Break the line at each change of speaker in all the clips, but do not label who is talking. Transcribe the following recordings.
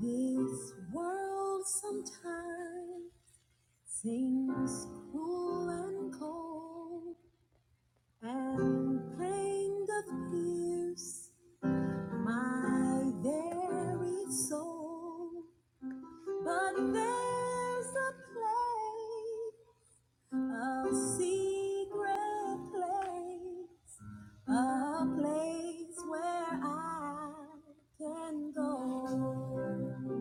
This world sometimes seems cruel and cold, and pain doth pierce my very soul. But there's a place, a secret place, a place where I can go.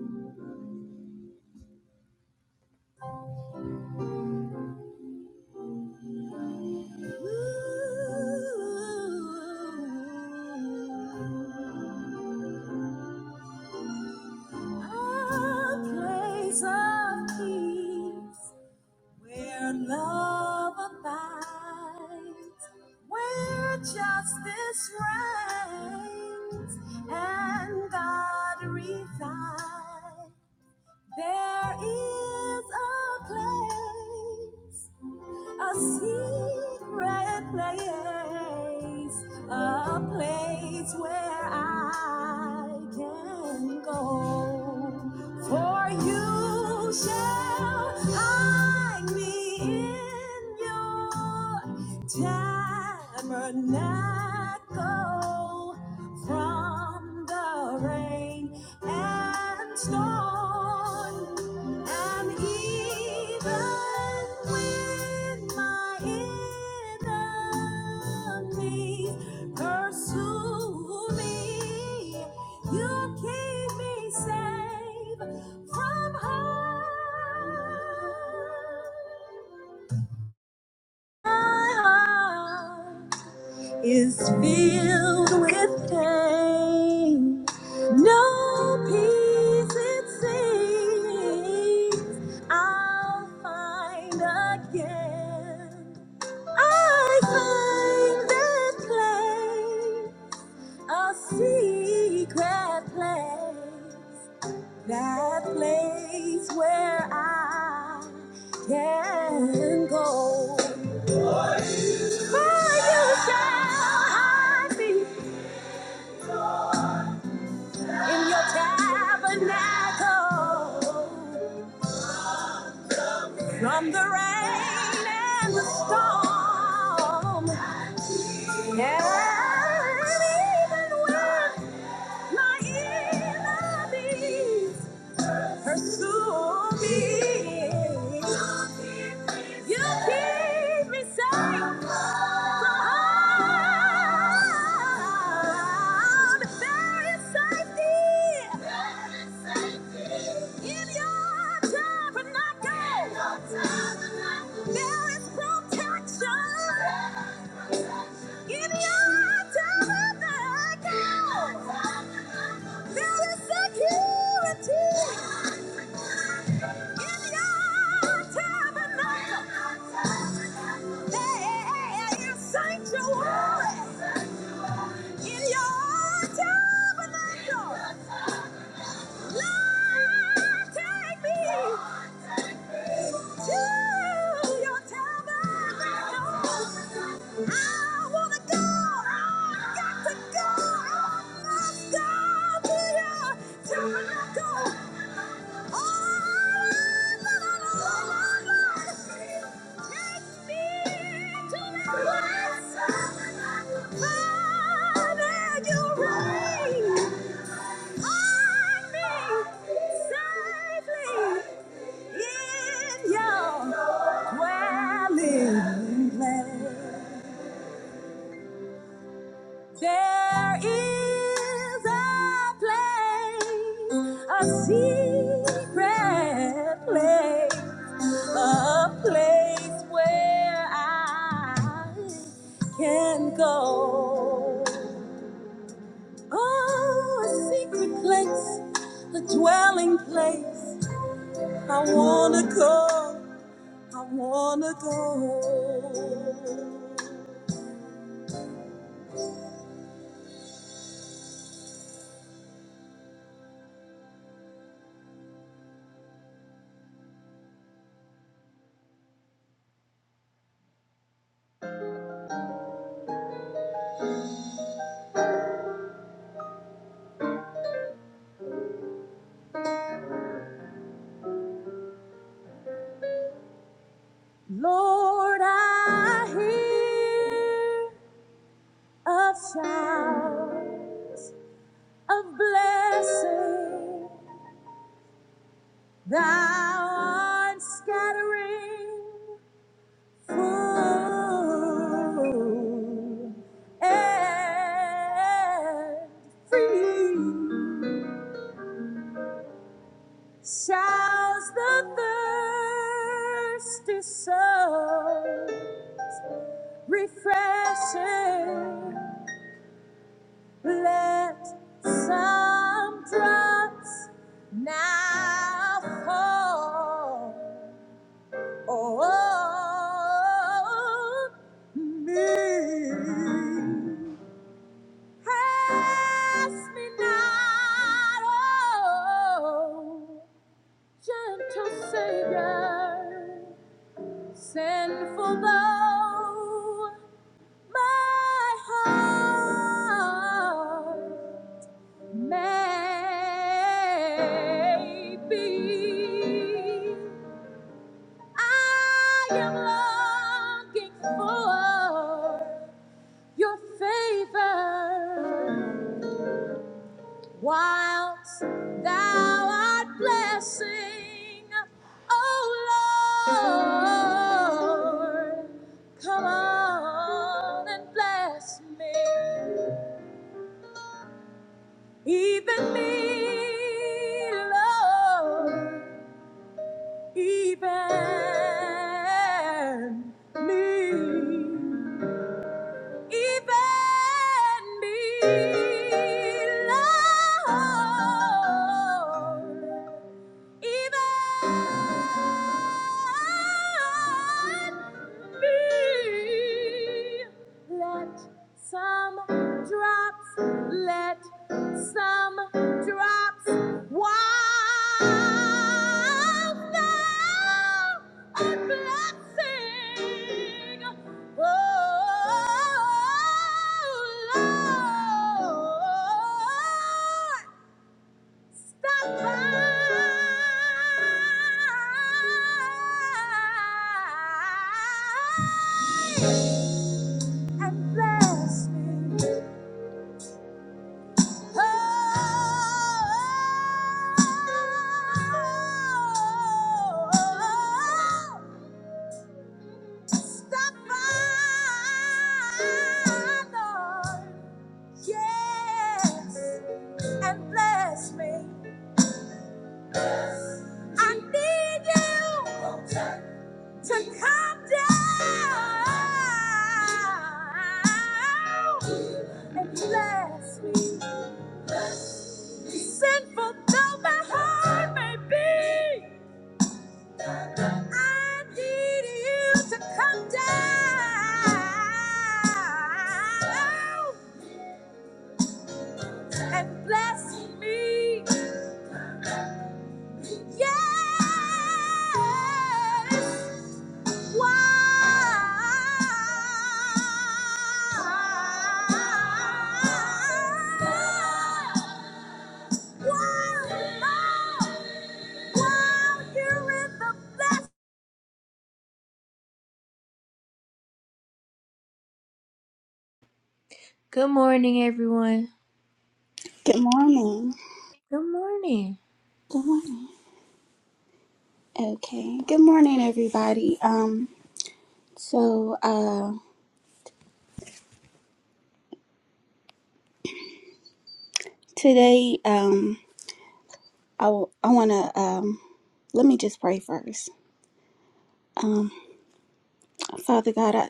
A place of peace where love abides, where justice reigns and God resides. There is a place a secret place, a place where I can go. For you shall hide me in your tabernacle from the rain and storm. And even when my enemies pursue me, you keep me safe from harm is filled with pain. No peace, it seems, I'll find again. I find that place, a secret place, that place where I can go. For you shall I be. in your tabernacle from the rain and the storm. And even when my enemies pursue me, you keep me safe from harm. There is safety In your tabernacle, there is protection. In your tabernacle, there is security. In your tabernacle, there is sanctuary. In your tabernacle, Lord, take me. Safely. In your dwelling place, there is a place, a secret place, a place where I can go. Oh, a secret place, a dwelling place. I wanna go. I wanna go. Lord, I hear a shout of blessing. Thou art scattering food and free. Shouts the thirsty soul. refreshing. Let some drops now fall on me. Pass me not, oh, gentle Savior, sinful though. My heart maybe I am longing for your favor whilst thou art blessing, oh Lord, come on and bless me. Even me, Lord, even me even me, Lord, even me. Let some drops, let some drops wash down a blessing. Stop by, Lord. Yes, and bless me. I need you to come down and bless me. Sinful though my heart may be, I need you to come down and bless me. Yes. Why? Why, Lord? Why you're in the best. Good morning, everyone.
Good morning.
Good morning.
Good morning. Okay. Good morning, everybody. Um. So, uh, today, um, I w- I wanna um, let me just pray first. Um, Father God, I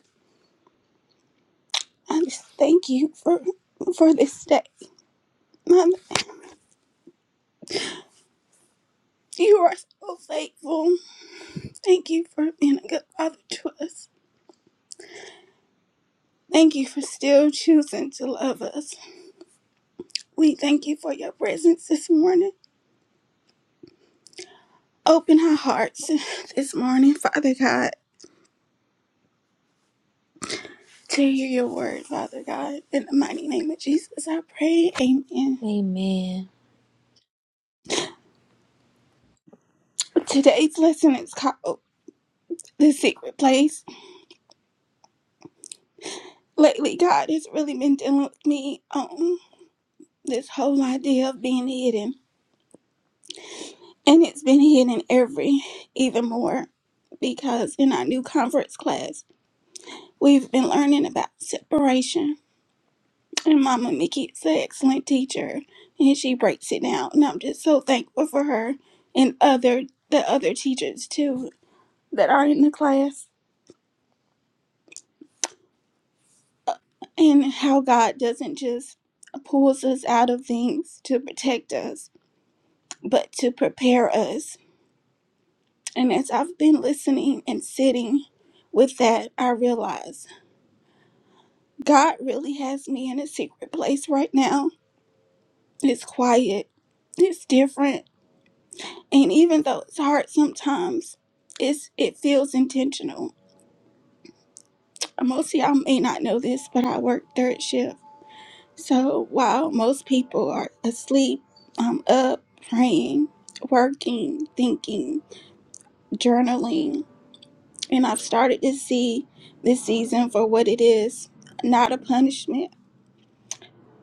I just thank you for for this day. Mother, you are so faithful. Thank you for being a good father to us. Thank you for still choosing to love us. We thank you for your presence this morning. Open our hearts this morning, Father God. to hear your word, Father God. In the mighty name of Jesus, I pray. Amen.
Amen.
Today's lesson is called The Secret Place. Lately, God has really been dealing with me on this whole idea of being hidden. And it's been hidden every, even more, because in our new conference class, we've been learning about separation. And Mama Mickey is an excellent teacher, and she breaks it down. And I'm just so thankful for her and other the other teachers too that are in the class and how God doesn't just pulls us out of things to protect us, but to prepare us. And as I've been listening and sitting with that, I realize God really has me in a secret place right now. It's quiet, it's different, and even though it's hard sometimes, it's it feels intentional. Most of y'all may not know this, but I work third shift. So while most people are asleep, I'm up praying, working, thinking, journaling, and I've started to see this season for what it is not a punishment,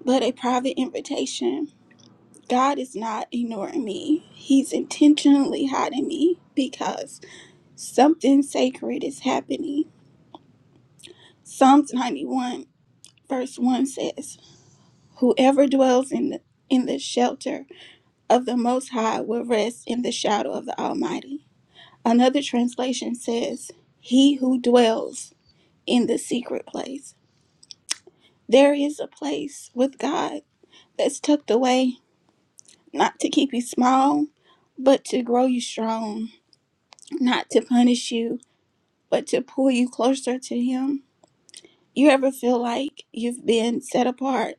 but a private invitation. God is not ignoring me, He's intentionally hiding me because something sacred is happening. Psalms 91, verse 1 says, Whoever dwells in the, in the shelter of the Most High will rest in the shadow of the Almighty. Another translation says, He who dwells in the secret place. There is a place with God that's tucked away, not to keep you small, but to grow you strong, not to punish you, but to pull you closer to Him. You ever feel like you've been set apart,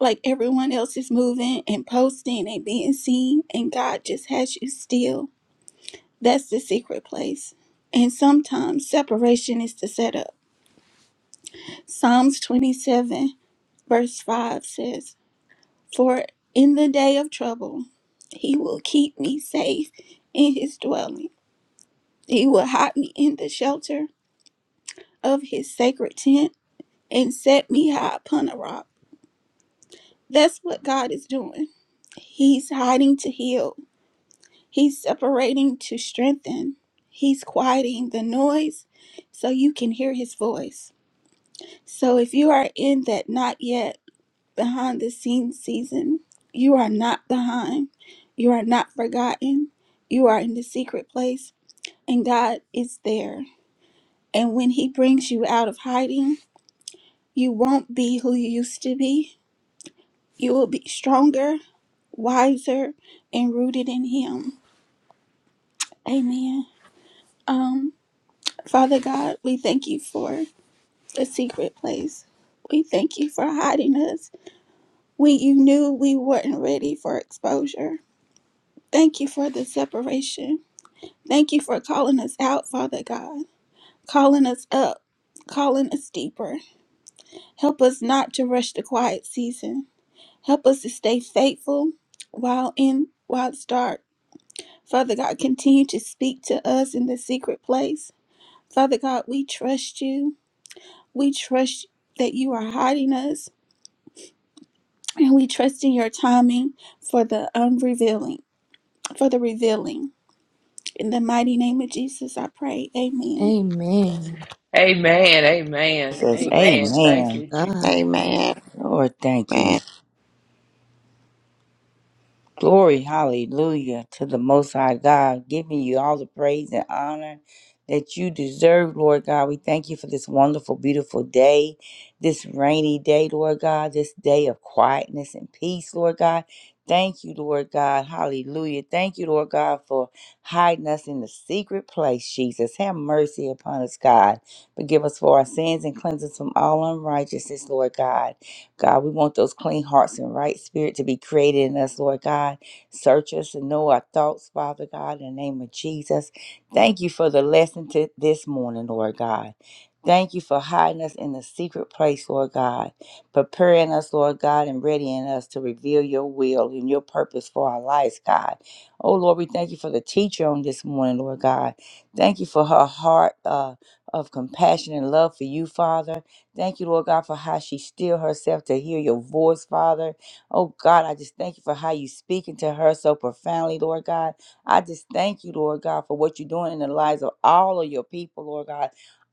like everyone else is moving and posting and being seen, and God just has you still? That's the secret place. And sometimes separation is the setup. Psalms 27, verse 5 says, For in the day of trouble, he will keep me safe in his dwelling. He will hide me in the shelter of his sacred tent and set me high upon a rock. That's what God is doing. He's hiding to heal, he's separating to strengthen, he's quieting the noise so you can hear his voice. So if you are in that not yet behind the scenes season, you are not behind. You are not forgotten. You are in the secret place, and God is there. And when He brings you out of hiding, you won't be who you used to be. You will be stronger, wiser, and rooted in Him. Amen. Um, Father God, we thank you for the secret place. We thank you for hiding us when you knew we weren't ready for exposure. Thank you for the separation. Thank you for calling us out, Father God, calling us up, calling us deeper. Help us not to rush the quiet season. Help us to stay faithful while in while it's dark. Father God, continue to speak to us in the secret place. Father God, we trust you. We trust that you are hiding us, and we trust in your timing for the unrevealing, for the revealing. In the mighty name of Jesus, I pray. Amen.
Amen.
Amen. Amen.
Jesus.
Amen.
Amen.
Praise
Thank
Amen.
you, Jesus.
God.
Amen.
Lord, thank you.
Amen.
Glory, hallelujah to the Most High God, giving you all the praise and honor that you deserve, Lord God. We thank you for this wonderful, beautiful day, this rainy day, Lord God, this day of quietness and peace, Lord God. Thank you, Lord God. Hallelujah. Thank you, Lord God, for hiding us in the secret place, Jesus. Have mercy upon us, God. Forgive us for our sins and cleanse us from all unrighteousness, Lord God. God, we want those clean hearts and right spirit to be created in us, Lord God. Search us and know our thoughts, Father God, in the name of Jesus. Thank you for the lesson to this morning, Lord God. Thank you for hiding us in the secret place, Lord God, preparing us, Lord God, and readying us to reveal your will and your purpose for our lives, God. Oh, Lord, we thank you for the teacher on this morning, Lord God. Thank you for her heart uh, of compassion and love for you, Father. Thank you, Lord God, for how she still herself to hear your voice, Father. Oh God, I just thank you for how you speaking to her so profoundly, Lord God. I just thank you, Lord God, for what you're doing in the lives of all of your people, Lord God.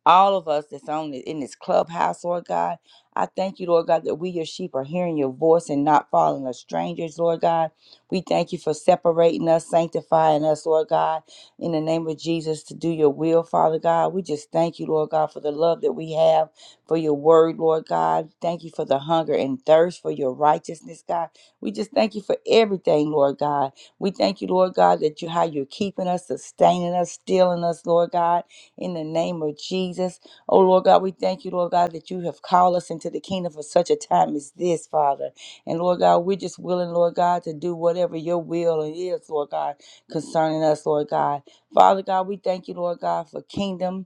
All of us that's on in this clubhouse, Lord God. I thank you, Lord God, that we, your sheep, are hearing your voice and not following as strangers, Lord God. We thank you for separating us, sanctifying us, Lord God, in the name of Jesus to do your will, Father God. We just thank you, Lord God, for the love that we have for your word, Lord God. Thank you for the hunger and thirst for your righteousness, God. We just thank you for everything, Lord God. We thank you, Lord God, that you how you're keeping us, sustaining us, stealing us, Lord God, in the name of Jesus. Oh Lord God, we thank you, Lord God, that you have called us into the kingdom for such a time as this, Father. And Lord God, we're just willing, Lord God, to do whatever your will is, Lord God, concerning us, Lord God. Father God, we thank you, Lord God, for kingdom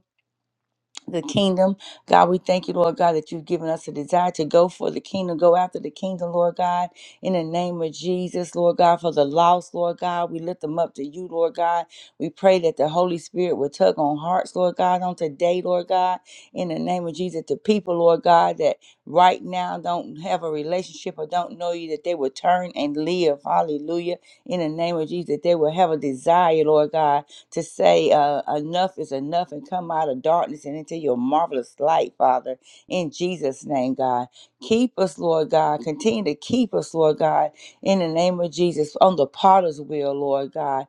the kingdom. God, we thank you, Lord God, that you've given us a desire to go for the kingdom, go after the kingdom, Lord God, in the name of Jesus, Lord God, for the lost, Lord God. We lift them up to you, Lord God. We pray that the Holy Spirit will tug on hearts, Lord God, on today, Lord God, in the name of Jesus, the people, Lord God, that right now don't have a relationship or don't know you, that they will turn and live. Hallelujah. In the name of Jesus, that they will have a desire, Lord God to say uh, enough is enough and come out of darkness and into your marvelous light, Father, in Jesus' name, God. Keep us, Lord God. Continue to keep us, Lord God, in the name of Jesus, on the potter's wheel, Lord God.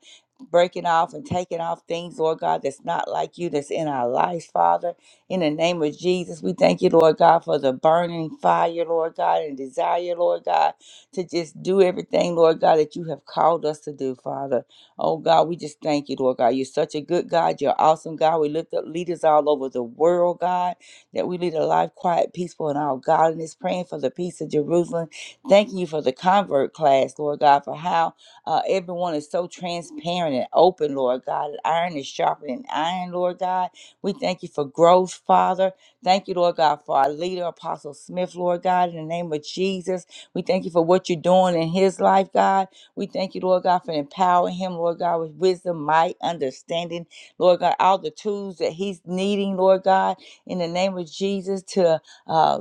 Breaking off and taking off things, Lord God, that's not like you, that's in our lives, Father. In the name of Jesus, we thank you, Lord God, for the burning fire, Lord God, and desire, Lord God, to just do everything, Lord God, that you have called us to do, Father. Oh God, we just thank you, Lord God. You're such a good God. You're awesome God. We lift up leaders all over the world, God, that we lead a life quiet, peaceful, and all godliness, praying for the peace of Jerusalem. Thanking you for the convert class, Lord God, for how uh, everyone is so transparent and open, Lord God. Iron is sharper than iron, Lord God. We thank you for growth, Father. Thank you, Lord God, for our leader, Apostle Smith, Lord God, in the name of Jesus. We thank you for what you're doing in his life, God. We thank you, Lord God, for empowering him, Lord God, with wisdom, might, understanding, Lord God, all the tools that he's needing, Lord God, in the name of Jesus to uh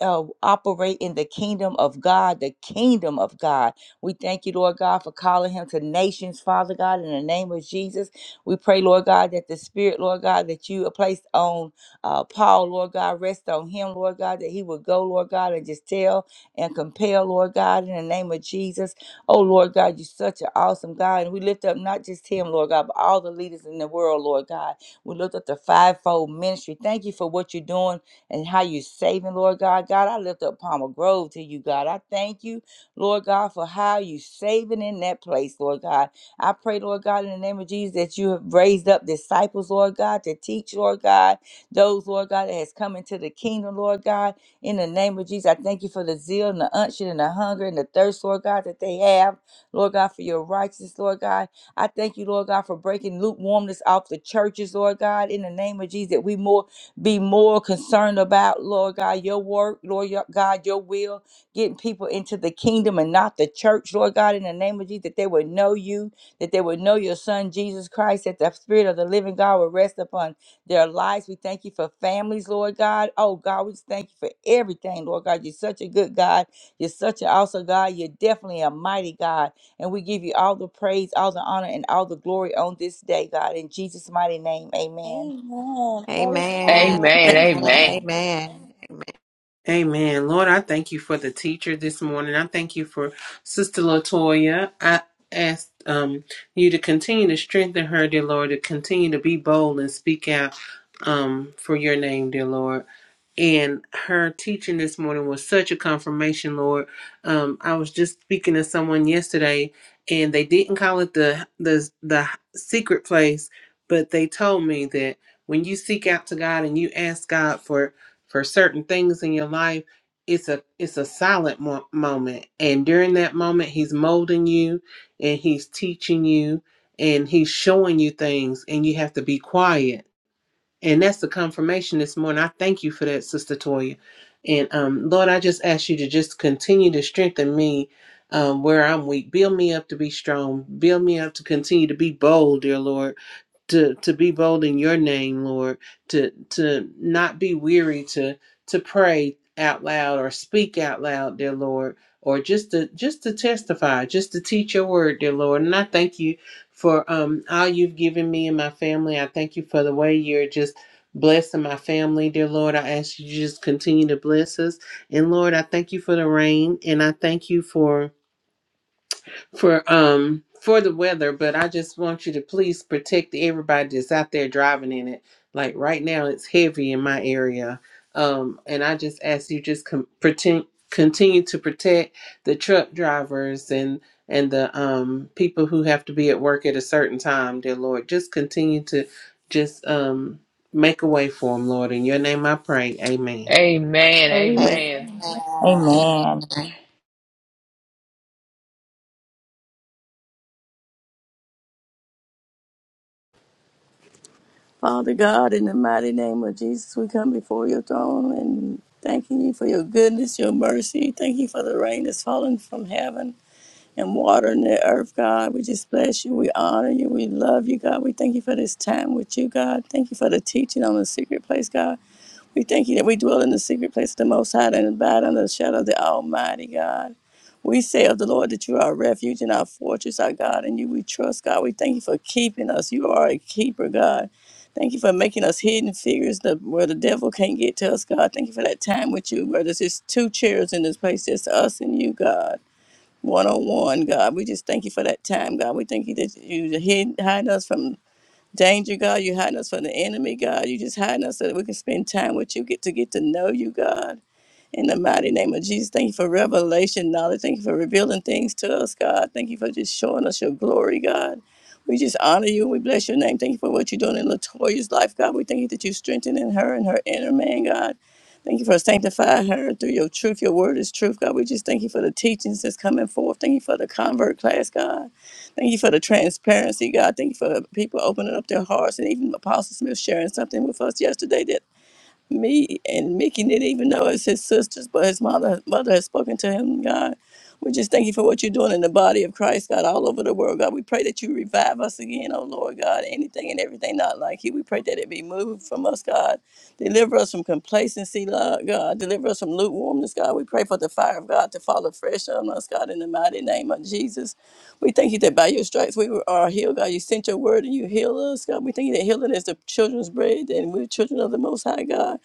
uh, operate in the kingdom of God, the kingdom of God. We thank you, Lord God, for calling him to nations, Father God, in the name of Jesus. We pray, Lord God, that the Spirit, Lord God, that you placed on uh, Paul, Lord God, rest on him, Lord God, that he would go, Lord God, and just tell and compel, Lord God, in the name of Jesus. Oh, Lord God, you're such an awesome God. And we lift up not just him, Lord God, but all the leaders in the world, Lord God. We lift up the fivefold ministry. Thank you for what you're doing and how you're saving, Lord God. God, I lift up Palmer Grove to you, God. I thank you, Lord God, for how you saving in that place, Lord God. I pray, Lord God, in the name of Jesus, that you have raised up disciples, Lord God, to teach, Lord God, those, Lord God, that has come into the kingdom, Lord God. In the name of Jesus, I thank you for the zeal and the unction and the hunger and the thirst, Lord God, that they have. Lord God, for your righteousness, Lord God. I thank you, Lord God, for breaking lukewarmness off the churches, Lord God. In the name of Jesus, that we more be more concerned about, Lord God, your work, Lord your- God, your will, getting people into the kingdom and not the church, Lord God. In the name of Jesus, that they would know you, that they would know your son, Jesus Christ, that the spirit of the living God would rest upon their lives. We thank you for families, Lord God. Oh God, we just thank you for everything, Lord God. You're such a good God. You're such an awesome God. You're definitely a mighty God. And we give you all the praise, all the honor, and all the glory on this day, God. In Jesus' mighty name, amen.
Amen. Praise
Amen.
God.
Amen.
Amen. Amen. Amen.
Amen.
Amen.
Amen. Lord, I thank you for the teacher this morning. I thank you for Sister Latoya. I ask um, you to continue to strengthen her, dear Lord, to continue to be bold and speak out um, for your name, dear Lord. And her teaching this morning was such a confirmation, Lord. Um, I was just speaking to someone yesterday, and they didn't call it the the the secret place, but they told me that when you seek out to God and you ask God for for certain things in your life, it's a it's a silent mo- moment, and during that moment, He's molding you, and He's teaching you, and He's showing you things, and you have to be quiet and that's the confirmation this morning. I thank you for that, Sister Toya. And um, Lord, I just ask you to just continue to strengthen me um, where I'm weak. Build me up to be strong. Build me up to continue to be bold, dear Lord to to be bold in your name lord to to not be weary to to pray out loud or speak out loud dear lord or just to just to testify just to teach your word dear lord and i thank you for um all you've given me and my family i thank you for the way you're just blessing my family dear lord i ask you to just continue to bless us and lord i thank you for the rain and i thank you for for um for the weather, but I just want you to please protect everybody that's out there driving in it. Like right now, it's heavy in my area, um, and I just ask you just com- pretend continue to protect the truck drivers and and the um people who have to be at work at a certain time, dear Lord. Just continue to just um make a way for them, Lord. In your name, I pray. Amen.
Amen.
Amen.
Amen.
Amen.
Amen.
Father God, in the mighty name of Jesus, we come before your throne and thanking you for your goodness, your mercy. Thank you for the rain that's falling from heaven and watering the earth, God. We just bless you. We honor you. We love you, God. We thank you for this time with you, God. Thank you for the teaching on the secret place, God. We thank you that we dwell in the secret place of the Most High and abide under the shadow of the Almighty God. We say of the Lord that you are our refuge and our fortress, our God, and you we trust, God. We thank you for keeping us. You are a keeper, God. Thank you for making us hidden figures that where the devil can't get to us, God. Thank you for that time with you, where there's just two chairs in this place, just us and you, God. One on one, God. We just thank you for that time, God. We thank you that you hid, hide us from danger, God. You're hiding us from the enemy, God. You just hiding us so that we can spend time with you, get to get to know you, God. In the mighty name of Jesus, thank you for revelation knowledge. Thank you for revealing things to us, God. Thank you for just showing us your glory, God. We just honor you and we bless your name. Thank you for what you're doing in Latoya's life, God. We thank you that you're strengthening her and her inner man, God. Thank you for sanctifying her through your truth. Your word is truth, God. We just thank you for the teachings that's coming forth. Thank you for the convert class, God. Thank you for the transparency, God. Thank you for people opening up their hearts and even Apostle Smith sharing something with us yesterday that me and Mickey didn't even know it's his sisters, but his mother mother has spoken to him, God. We just thank you for what you're doing in the body of Christ, God, all over the world, God. We pray that you revive us again, oh Lord God. Anything and everything not like you. We pray that it be moved from us, God. Deliver us from complacency, Lord God. Deliver us from lukewarmness, God. We pray for the fire of God to fall afresh on us, God, in the mighty name of Jesus. We thank you that by your stripes we were- are healed, God. You sent your word and you heal us, God. We thank you that healing is the children's bread and we're children of the Most High, God.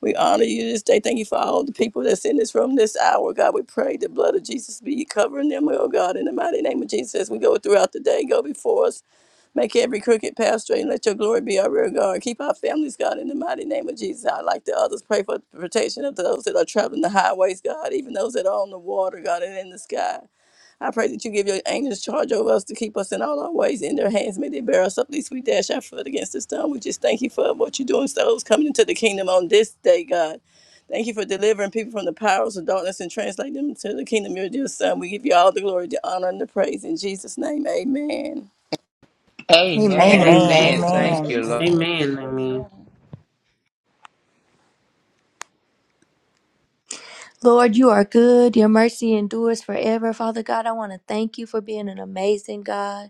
We honor you this day. Thank you for all the people that's in this room this hour. God, we pray the blood of Jesus be covering them, oh God, in the mighty name of Jesus. As we go throughout the day, go before us. Make every crooked path straight and let your glory be our rear guard. Keep our families, God, in the mighty name of Jesus. I like the others. Pray for the protection of those that are traveling the highways, God, even those that are on the water, God, and in the sky. I pray that you give your angels charge over us to keep us in all our ways. In their hands may they bear us up, lest we dash our foot against the stone. We just thank you for what you're doing, souls coming into the kingdom on this day, God. Thank you for delivering people from the powers of darkness and translating them to the kingdom of your dear Son. We give you all the glory, the honor, and the praise. In Jesus' name, amen.
Amen.
Amen.
Amen.
Amen.
Amen.
Amen.
Thank
Amen.
you, Lord.
Amen. Amen.
Lord, you are good. Your mercy endures forever. Father God, I want to thank you for being an amazing God.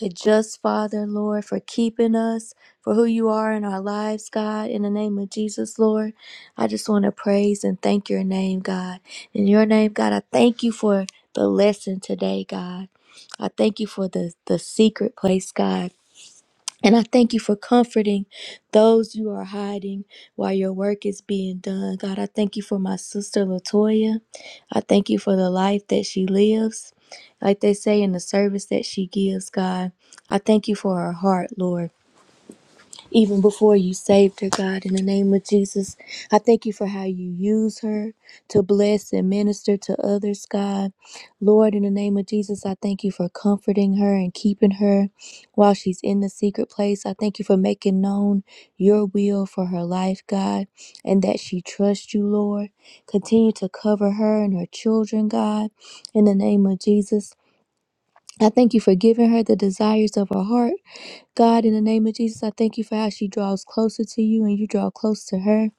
a just Father, Lord, for keeping us, for who you are in our lives, God. In the name of Jesus, Lord, I just want to praise and thank your name, God. In your name, God, I thank you for the lesson today, God. I thank you for the, the secret place, God. And I thank you for comforting those you are hiding while your work is being done. God, I thank you for my sister Latoya. I thank you for the life that she lives, like they say in the service that she gives, God. I thank you for her heart, Lord even before you saved her, God, in the name of Jesus. I thank you for how you use her to bless and minister to others, God. Lord, in the name of Jesus, I thank you for comforting her and keeping her while she's in the secret place. I thank you for making known your will for her life, God, and that she trusts you, Lord. Continue to cover her and her children, God, in the name of Jesus. I thank you for giving her the desires of her heart God, in the name of Jesus, I thank you for how she draws closer to you and you draw close to her.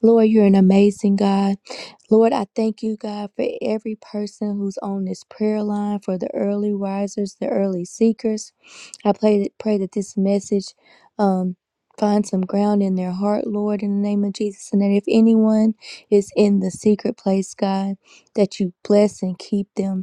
Lord, you're an amazing God. Lord, I thank you, God, for every person who's on this prayer line, for the early risers, the early seekers. I pray, pray that this message um, find some ground in their heart, Lord, in the name of Jesus. And that if anyone is in the secret place, God, that you bless and keep them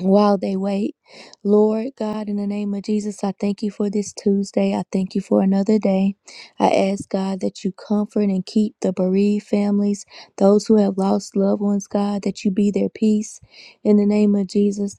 while they wait. Lord God, in the name of Jesus, I thank you for this Tuesday. I thank you for another day. I ask God that you comfort and keep the bereaved families, those who have lost loved ones, God, that you be their peace. In the name of Jesus,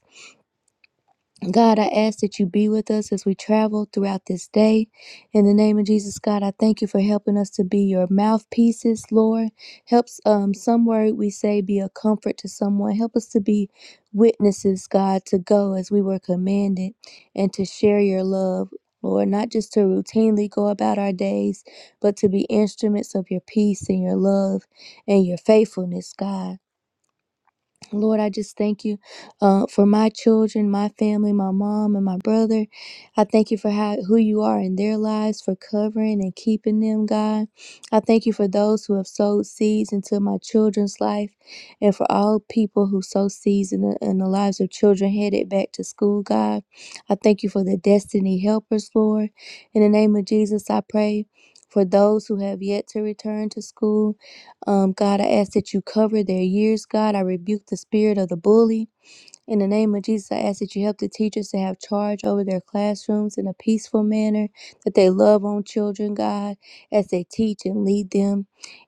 God, I ask that you be with us as we travel throughout this day. In the name of Jesus, God, I thank you for helping us to be your mouthpieces, Lord. Helps um some word we say be a comfort to someone. Help us to be witnesses, God, to go as we were commanded and to share your love. Lord, not just to routinely go about our days, but to be instruments of your peace and your love and your faithfulness, God. Lord, I just thank you uh, for my children, my family, my mom, and my brother. I thank you for how, who you are in their lives, for covering and keeping them, God. I thank you for those who have sowed seeds into my children's life and for all people who sow seeds in the, in the lives of children headed back to school, God. I thank you for the destiny helpers, Lord. In the name of Jesus, I pray for those who have yet to return to school. Um, God, I ask that you cover their ears. God, I rebuke the spirit of the bully. In the name of Jesus, I ask that you help the teachers to have charge over their classrooms in a peaceful manner, that they love on children, God, as they teach and lead them.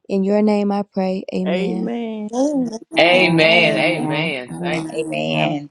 In your name I pray. Amen.
Amen.
Amen.
Amen.
Amen.
Thank-
Amen.
Amen.
And
Thank.
Amen. amen.
Amen.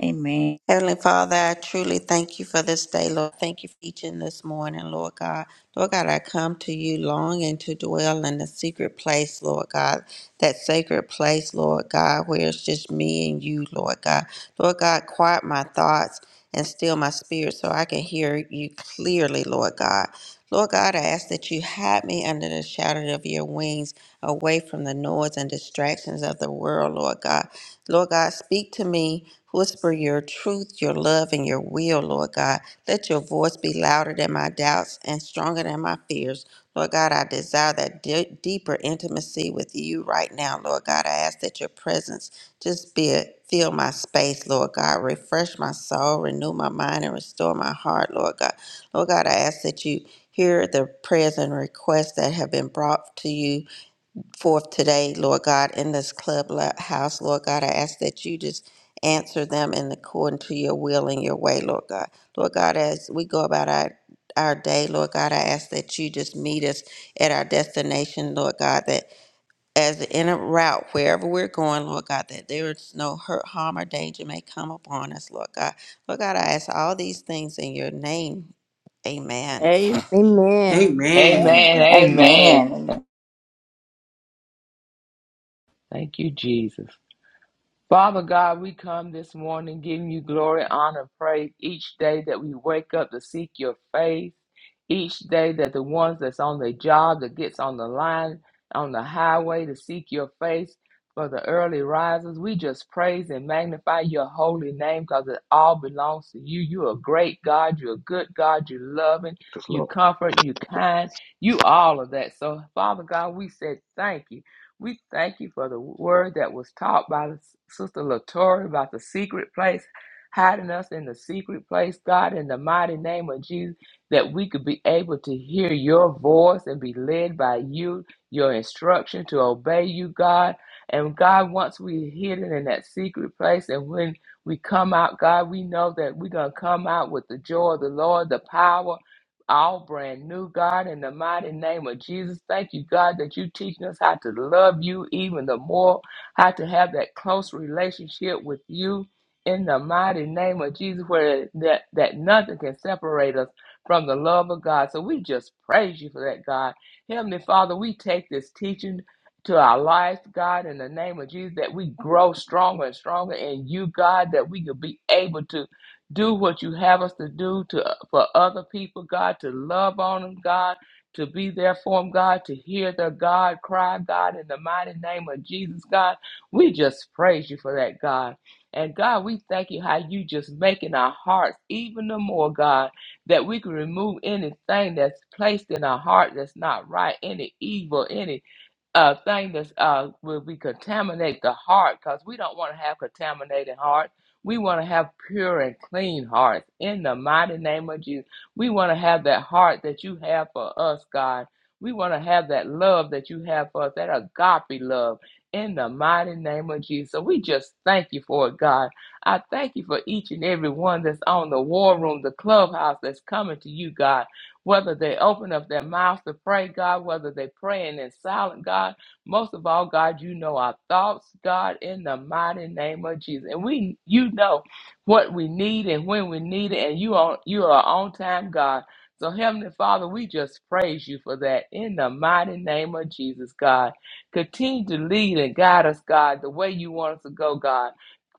Amen.
Heavenly Father, I truly thank you for this day, Lord. Thank you for teaching this morning, Lord God. Lord God, I come to you longing to dwell in the secret place, Lord God, that sacred place, Lord God, where it's just me and you, Lord God. Lord God, quiet my thoughts and still my spirit so I can hear you clearly, Lord God. Lord God, I ask that you hide me under the shadow of your wings, away from the noise and distractions of the world, Lord God. Lord God, speak to me. Whisper your truth, your love, and your will, Lord God. Let your voice be louder than my doubts and stronger than my fears. Lord God, I desire that de- deeper intimacy with you right now, Lord God. I ask that your presence just be a, fill my space, Lord God. Refresh my soul, renew my mind, and restore my heart, Lord God. Lord God, I ask that you hear the prayers and requests that have been brought to you forth today, Lord God, in this clubhouse, Lord God. I ask that you just answer them in according to your will and your way, Lord God. Lord God, as we go about our our day, Lord God, I ask that you just meet us at our destination, Lord God, that as in a route, wherever we're going, Lord God, that there is no hurt, harm, or danger may come upon us, Lord God. Lord God, I ask all these things in your name. Amen.
Amen.
Amen.
Amen.
Amen. Amen.
Amen.
Thank you, Jesus. Father God, we come this morning giving you glory, honor, praise each day that we wake up to seek your face, each day that the ones that's on the job, that gets on the line, on the highway to seek your face for the early risers. We just praise and magnify your holy name because it all belongs to you. You're a great God. You're a good God. You're loving.
Yes,
You
Lord.
comfort. You kind. You all of that. So, Father God, we said thank you. We thank you for the word that was taught by Sister Latour about the secret place, hiding us in the secret place, God, in the mighty name of Jesus, that we could be able to hear your voice and be led by you, your instruction to obey you, God. And God, once we're hidden in that secret place, and when we come out, God, we know that we're going to come out with the joy of the Lord, the power all brand new, God, in the mighty name of Jesus. Thank you, God, that you teaching us how to love you even the more, how to have that close relationship with you in the mighty name of Jesus, where that, that nothing can separate us from the love of God. So we just praise you for that, God. Heavenly Father, we take this teaching to our lives, God, in the name of Jesus, that we grow stronger and stronger in you, God, that we could be able to do what you have us to do to for other people, God, to love on them, God, to be there for them, God, to hear their God cry, God, in the mighty name of Jesus, God. We just praise you for that, God. And God, we thank you how you just making our hearts even the more, God, that we can remove anything that's placed in our heart that's not right, any evil, any uh, thing that's uh, where we contaminate the heart because we don't want to have contaminated heart. We want to have pure and clean hearts in the mighty name of Jesus. We want to have that heart that you have for us, God. We want to have that love that you have for us, that agape love in the mighty name of Jesus. So we just thank you for it, God. I thank you for each and every one that's on the war room, the clubhouse that's coming to you, God whether they open up their mouths to pray, God, whether they praying in silent, God. Most of all, God, you know our thoughts, God, in the mighty name of Jesus. And we you know what we need and when we need it, and you are you are on time, God. So Heavenly Father, we just praise you for that in the mighty name of Jesus, God. Continue to lead and guide us, God, the way you want us to go, God.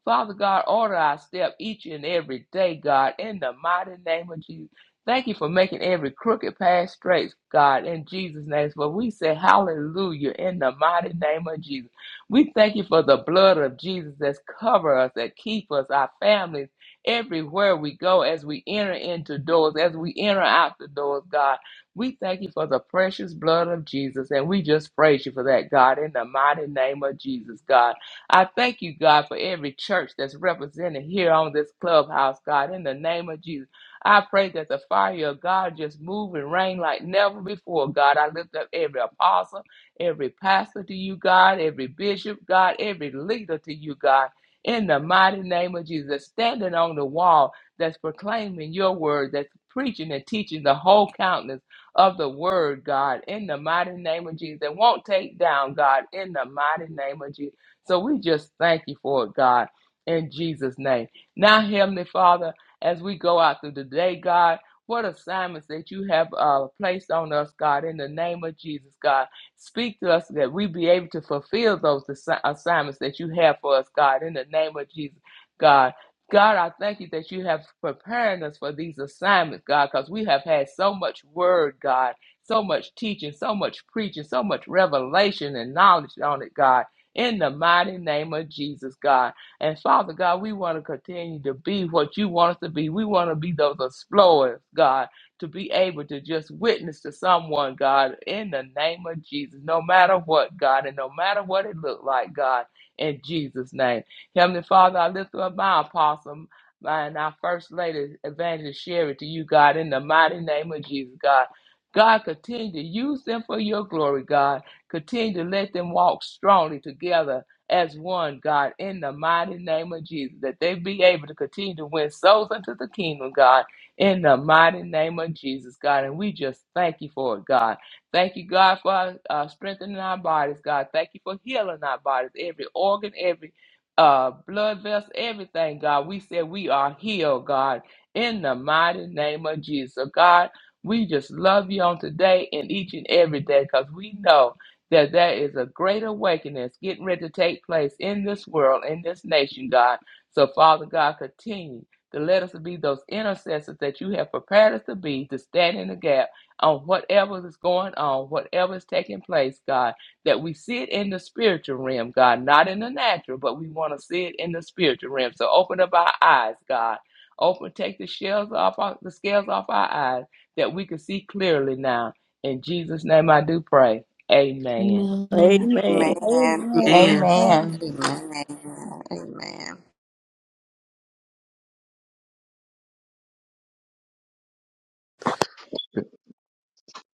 Father God, order our step each and every day, God, in the mighty name of Jesus. Thank you for making every crooked path straight, God, in Jesus' name. For we say hallelujah in the mighty name of Jesus. We thank you for the blood of Jesus that's cover us, that keep us, our families, everywhere we go as we enter into doors, as we enter out the doors, God. We thank you for the precious blood of Jesus, and we just praise you for that, God, in the mighty name of Jesus, God. I thank you, God, for every church that's represented here on this clubhouse, God, in the name of Jesus. I pray that the fire of God just move and rain like never before, God. I lift up every apostle, every pastor to you, God, every bishop, God, every leader to you, God. In the mighty name of Jesus, standing on the wall that's proclaiming your word, that's preaching and teaching the whole countenance of the word, God, in the mighty name of Jesus, that won't take down, God, in the mighty name of Jesus. So we just thank you for it, God, in Jesus' name. Now, Heavenly Father, as we go out through the day, God. What assignments that you have uh, placed on us, God, in the name of Jesus, God. Speak to us that we be able to fulfill those assi- assignments that you have for us, God, in the name of Jesus, God. God, I thank you that you have prepared us for these assignments, God, because we have had so much word, God, so much teaching, so much preaching, so much revelation and knowledge on it, God, in the mighty name of Jesus, God. And Father God, we want to continue to be what you want us to be. We want to be those explorers, God, to be able to just witness to someone, God, in the name of Jesus, no matter what, God, and no matter what it looked like, God, in Jesus' name. Heavenly Father, I lift up my apostle and our First Lady, Evangelist Sherry, to you, God, in the mighty name of Jesus, God. God, continue to use them for your glory, God. Continue to let them walk strongly together as one, God, in the mighty name of Jesus, that they be able to continue to win souls unto the kingdom, God, in the mighty name of Jesus, God. And we just thank you for it, God. Thank you, God, for uh, strengthening our bodies, God. Thank you for healing our bodies, every organ, every uh, blood vessel, everything, God. We said we are healed, God, in the mighty name of Jesus. So, God, we just love you on today and each and every day because we know that there is a great awakening that's getting ready to take place in this world, in this nation, God. So, Father God, continue to let us be those intercessors that you have prepared us to be to stand in the gap on whatever is going on, whatever is taking place, God. That we see it in the spiritual realm, God, not in the natural, but we want to see it in the spiritual realm. So, open up our eyes, God. Open, take the shells off our, the scales off our eyes that we can see clearly now. In Jesus' name, I do pray. Amen.
Amen.
Amen.
Amen.
Amen.
Amen.
Amen.
Amen.
Amen. Amen.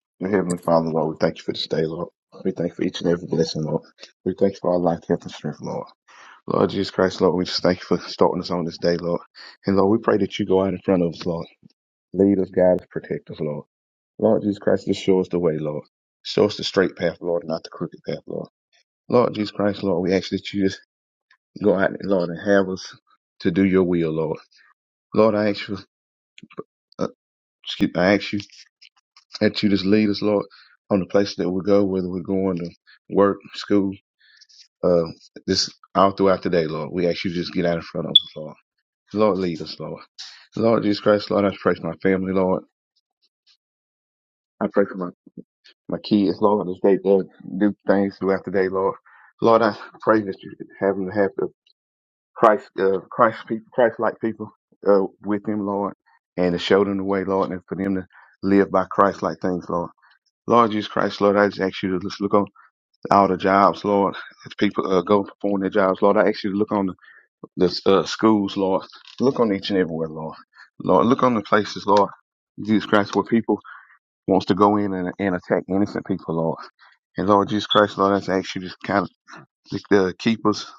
Dear Heavenly Father, Lord, we thank you for this day, Lord. We thank you for each and every blessing, Lord. We thank you for our life, health, and strength, Lord. Lord Jesus Christ, Lord, we just thank you for starting us on this day, Lord. And Lord, we pray that you go out in front of us, Lord. Lead us, guide us, protect us, Lord. Lord Jesus Christ, just show us the way, Lord. Show us the straight path, Lord, and not the crooked path, Lord. Lord Jesus Christ, Lord, we ask that you just go out, Lord, and have us to do your will, Lord. Lord, I ask you, uh, excuse, I ask you that you just lead us, Lord, on the places that we go, whether we're going to work, school, uh, this all throughout the day, Lord. We ask you to just get out in front of us, Lord. Lord, lead us, Lord. Lord Jesus Christ, Lord, I pray for my family, Lord. I pray for my, my kids, Lord, as they uh, do things throughout the day, Lord. Lord, I pray that you have them to have the Christ, uh, Christ people, Christ-like people uh, with them, Lord, and to show them the way, Lord, and for them to live by Christ-like things, Lord. Lord Jesus Christ, Lord, I just ask you to just look on all the jobs, Lord. As people uh, go and perform their jobs, Lord, I ask you to look on the, the uh, schools, Lord. Look on each and everywhere, Lord. Lord, look on the places, Lord. Jesus Christ, where people wants to go in and, and attack innocent people, Lord. And Lord Jesus Christ, Lord, I just ask you to kind of just, uh, keep us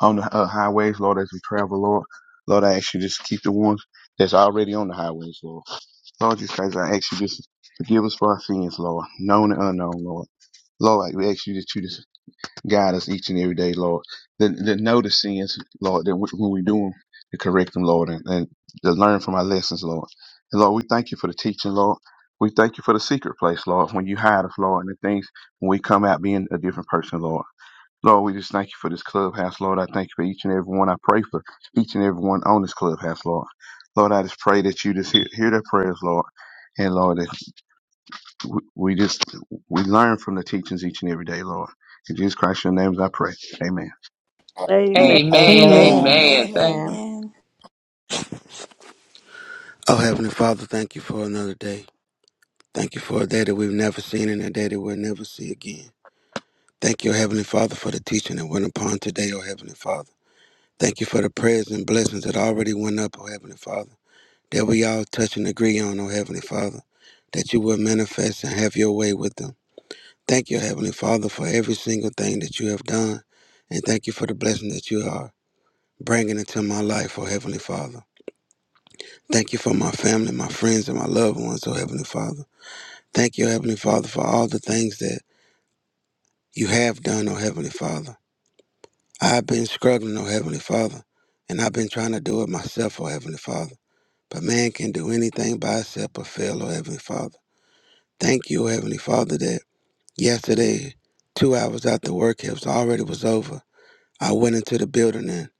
on the uh, highways, Lord, as we travel, Lord. Lord, I ask you just keep the ones that's already on the highways, Lord. Lord Jesus Christ, I ask you just forgive us for our sins, Lord, known and unknown, Lord. Lord, I ask you that you just Guide us each and every day, Lord. Then, then know the sins, Lord, that we, when we do them, to correct them, Lord, and, and to learn from our lessons, Lord. And Lord, we thank you for the teaching, Lord. We thank you for the secret place, Lord, when you hide us, Lord, and the things when we come out being a different person, Lord. Lord, we just thank you for this clubhouse, Lord. I thank you for each and every one. I pray for each and every one on this clubhouse, Lord. Lord, I just pray that you just hear, hear their prayers, Lord. And Lord, that we we just we learn from the teachings each and every day, Lord. In Jesus Christ, your names I pray. Amen.
Amen.
Amen.
Amen.
Amen.
Amen. Thank
Amen.
Amen. Amen.
Oh, Heavenly Father, thank you for another day. Thank you for a day that we've never seen and a day that we'll never see again. Thank you, Heavenly Father, for the teaching that went upon today, oh Heavenly Father. Thank you for the prayers and blessings that already went up, oh Heavenly Father, that we all touch and agree on, oh Heavenly Father, that you will manifest and have your way with them. Thank you, Heavenly Father, for every single thing that you have done, and thank you for the blessing that you are bringing into my life, oh Heavenly Father. Thank you for my family, my friends, and my loved ones, oh Heavenly Father. Thank you, Heavenly Father, for all the things that you have done, oh Heavenly Father. I've been struggling, oh Heavenly Father, and I've been trying to do it myself, oh Heavenly Father. But man can do anything by itself but fail, oh Heavenly Father. Thank you, oh Heavenly Father, that yesterday, two hours after work it was already was over. I went into the building and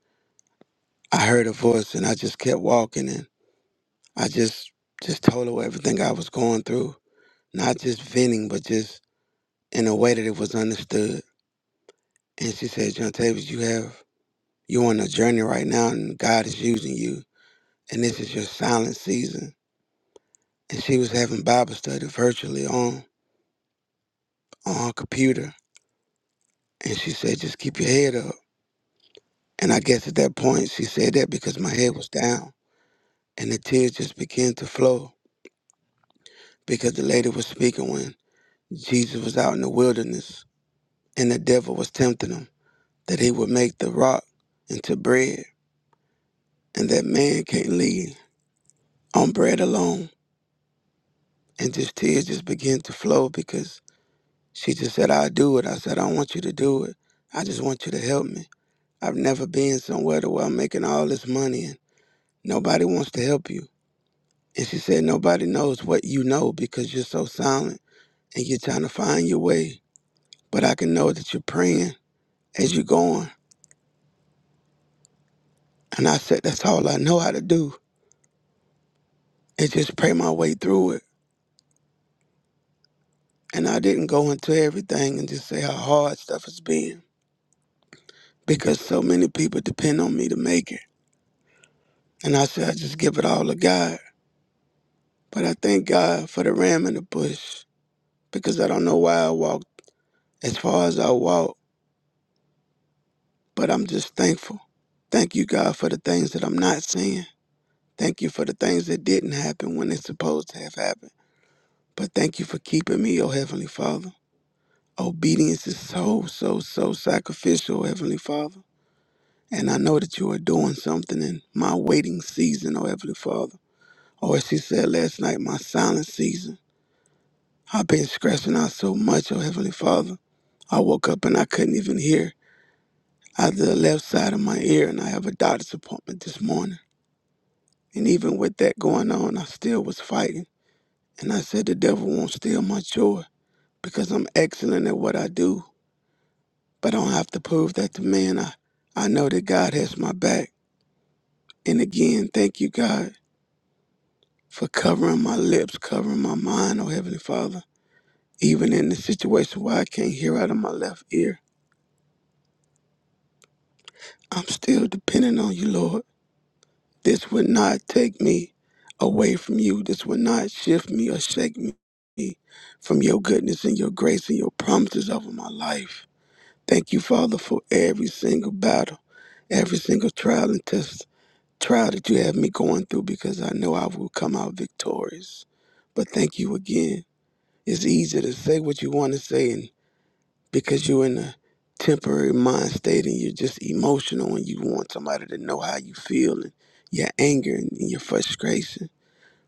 I heard a voice and I just kept walking and I just just told her everything I was going through. Not just venting, but just in a way that it was understood. And she said, John Tavis, you have you're on a journey right now and God is using you. And this is your silent season. And she was having Bible study virtually on on her computer. And she said, just keep your head up. And I guess at that point she said that because my head was down. And the tears just began to flow because the lady was speaking when Jesus was out in the wilderness and the devil was tempting him that he would make the rock into bread and that man can't live on bread alone. and just tears just began to flow because she just said, I'll do it. I said, I don't want you to do it. I just want you to help me. I've never been somewhere to where I'm making all this money and nobody wants to help you. And she said, Nobody knows what you know because you're so silent and you're trying to find your way. But I can know that you're praying as you're going. And I said, That's all I know how to do is just pray my way through it. And I didn't go into everything and just say how hard stuff has been because so many people depend on me to make it. And I said, I just give it all to God. But I thank God for the ram in the bush because I don't know why I walked as far as I walked, but I'm just thankful. Thank you, God, for the things that I'm not seeing. Thank you for the things that didn't happen when it's supposed to have happened. But thank you for keeping me, oh Heavenly Father. Obedience is so, so, so sacrificial, oh, Heavenly Father. And I know that you are doing something in my waiting season, oh Heavenly Father. Or as she said last night, my silent season. I've been scratching out so much, oh Heavenly Father. I woke up and I couldn't even hear out of the left side of my ear, and I have a doctor's appointment this morning. And even with that going on, I still was fighting. And I said, The devil won't steal my joy because I'm excellent at what I do, but I don't have to prove that to man. I, I know that God has my back. And again, thank you, God, for covering my lips, covering my mind, oh Heavenly Father. Even in the situation where I can't hear out of my left ear, I'm still depending on you, Lord. This would not take me away from you. This would not shift me or shake me from your goodness and your grace and your promises over my life. Thank you, Father, for every single battle, every single trial and test, trial that you have me going through because I know I will come out victorious. But thank you again. It's easy to say what you want to say and because you're in a temporary mind state and you're just emotional and you want somebody to know how you feel and your anger and, and your frustration.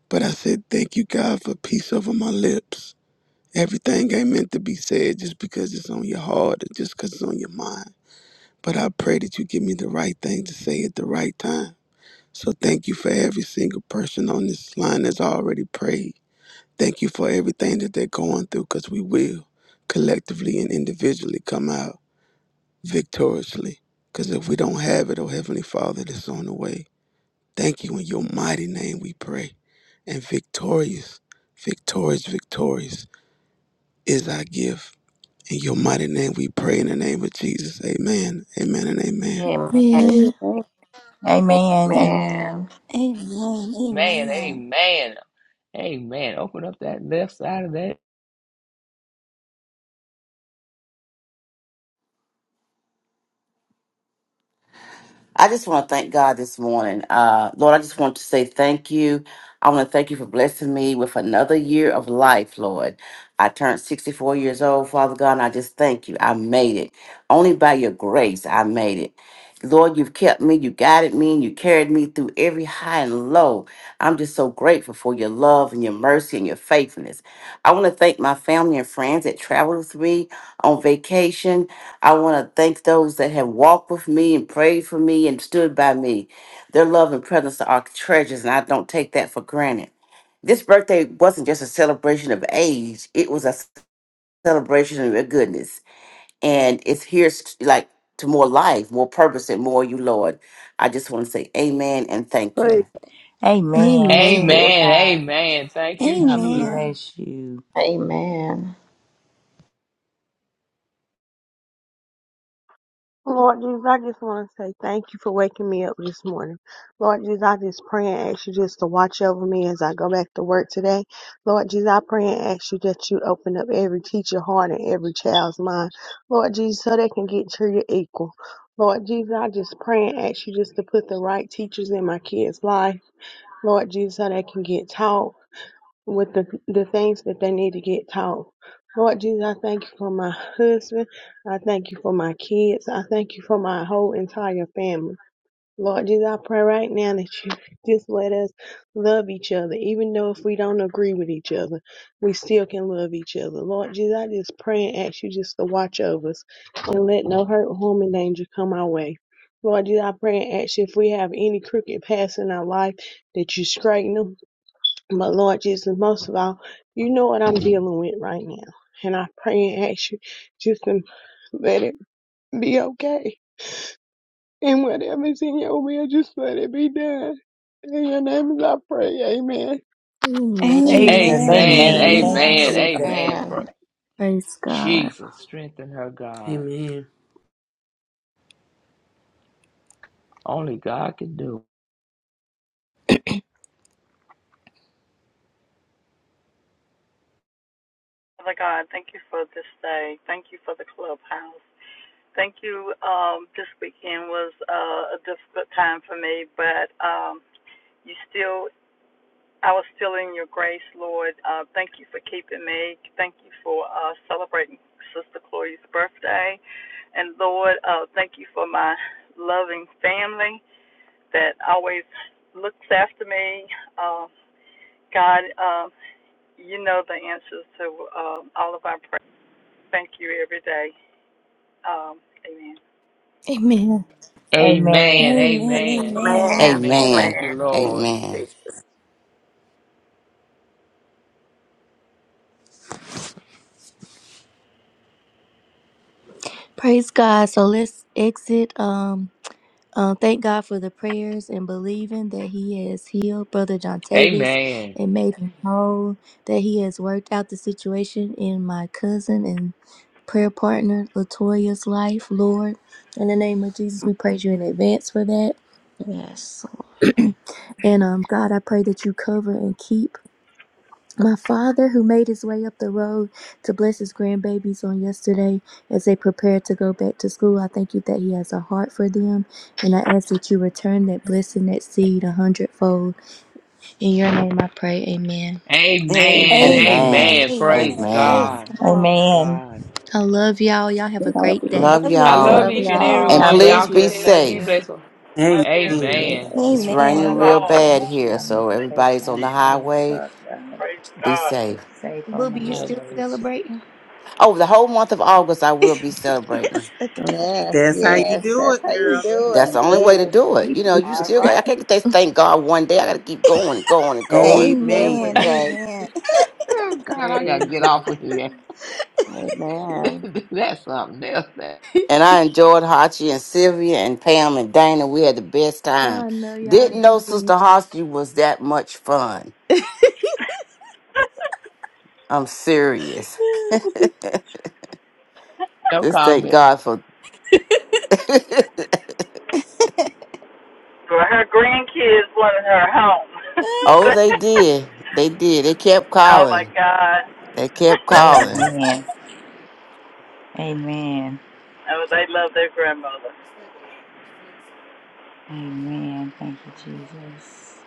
But I said, thank you, God, for peace over my lips. Everything ain't meant to be said just because it's on your heart or just because it's on your mind. But I pray that you give me the right thing to say at the right time. So thank you for every single person on this line that's already prayed. Thank you for everything that they're going through because we will collectively and individually come out victoriously. Because if we don't have it, oh Heavenly Father, that's on the way. Thank you in your mighty name we pray. And victorious, victorious, victorious is our gift. In your mighty name we pray in the name of Jesus. Amen, amen, and amen.
Amen.
Yeah.
Amen.
Amen.
Amen. Amen.
Amen.
man.
Amen.
Amen. Amen. Open up that left side of that.
I just want to thank God this morning. Uh, Lord, I just want to say thank you. I want to thank you for blessing me with another year of life, Lord. I turned 64 years old, Father God, and I just thank you. I made it. Only by your grace, I made it. Lord, you've kept me, you guided me, and you carried me through every high and low. I'm just so grateful for your love and your mercy and your faithfulness. I want to thank my family and friends that traveled with me on vacation I want to thank those that have walked with me and prayed for me and stood by me. Their love and presence are treasures, and I don't take that for granted. This birthday wasn't just a celebration of age, it was a celebration of your goodness. And it's here s- like to more life, more purpose, and more you, Lord. I just want to say amen and thank
Praise
you.
Amen.
the
Praise
Lord.
Amen.
God.
Amen. Thank you,
God
Jesus.
Amen.
bless you.
Amen.
Lord Jesus, I just want to say thank you for waking me up this morning. Lord Jesus, I just pray and ask you just to watch over me as I go back to work today. Lord Jesus, I pray and ask you that you open up every teacher heart and every child's mind. Lord Jesus, so they can get to your equal. Lord Jesus, I just pray and ask you just to put the right teachers in my kids' life. Lord Jesus, so they can get taught. with the, the things that they need to get taught. Lord Jesus, I thank you for my husband. I thank you for my kids. I thank you for my whole entire family. Lord Jesus, I pray right now that you just let us love each other. Even though if we don't agree with each other, we still can love each other. Lord Jesus, I just pray and ask you just to watch over us and let no hurt, harm, and danger come our way. Lord Jesus, I pray and ask you if we have any crooked paths in our life that you straighten them but Lord Jesus, most of all, you know what I'm dealing with right now. And I pray and ask you just to let it be okay. And whatever's in your will, just let it be done. In your name is I pray. Amen.
Amen. Amen.
Amen.
Jesus.
Amen.
Amen. Thank you,
Amen.
Amen.
Jesus.
Amen.
Amen.
Pra-
Praise
Jesus, strengthen her, God.
Amen.
Only God can do.
Father God, thank you for this day. Thank you for the clubhouse. Thank you. Um, this weekend was uh, a difficult time for me, but um, you still, I was still in your grace, Lord. Uh, thank you for keeping me. Thank you for uh, celebrating Sister Chloe's birthday, and Lord, uh, thank you for my loving family that always looks after me. Uh, God, um, you know the answers to um all of our prayers. Thank you every day. Um, amen.
it. Amen.
Amen.
Amen.
Amen.
Amen.
Amen.
Amen.
Thank you,
Amen.
Lord.
Amen.
Jesus.
praise God. So let's exit. Um Um, thank God for the prayers and believing that He has healed Brother Jontavius
Amen.
and made him whole, that He has worked out the situation in my cousin and prayer partner Latoya's life, Lord. In the name of Jesus, we praise you in advance for that.
Yes.
and um, God, I pray that you cover and keep. My father, who made his way up the road to bless his grandbabies on yesterday as they prepared to go back to school, I thank you that he has a heart for them. And I ask that you return that blessing, that seed a hundredfold. In your name I pray, amen.
Amen.
Amen.
Amen.
Amen.
Amen.
Amen.
Amen.
Praise
Amen.
Praise
God.
God.
Praise
Amen.
God.
I love y'all. Y'all have a
Love
great
you.
day.
Love
Love
I
y'all. Have a
love
y'all.
Love
good
each and every
And
day.
God
one.
please
bless
Y'all
y'all.
be
you.
continue to
Love
be
safe.
you.
blessed.
Love you.
Amen.
Amen.
Yeah,
It's
Amen. Lord
raining
love
Amen.
bless
real
all.
you.
Thank
careful.
bad
you,
Jesus.
here,
Jesus.
God
so
make your
Thank you,
face
everybody's on
shine
the
Jesus.
upon us,
highway.
Father God.
Praise
Be
God.
Be
safe.
safe on the
Booby, you
Yes,
still
God.
highways.
celebrating?
Oh, the whole month of August, I will be celebrating.
Yes,
That's how you
yes.
do
That's
it,
how you
girl. That's
do
how
That's
it.
you
the only way
do
to
Yes.
do it. You know, you
it.
All
still got, I
right.
can't just thank God one day. I got to keep going and going and going.
Mhm. Every
Amen.
Amen.
day.
Amen.
Oh, God, I got to get
Amen.
off of here.
Amen.
That's something else. That,
And I enjoyed Hachi and Sylvia and Pam and Dana. We had the best time.
I know y'all
Didn't know Sister
did.
Hachi was that much fun. I'm serious.
no
just
comment.
thank God for.
For her grandkids wanted her home.
oh, they did. They did. They kept
oh my
calling.
God.
They kept calling.
Amen. Amen.
oh, they love their grandmother.
Amen. Thank you, Jesus.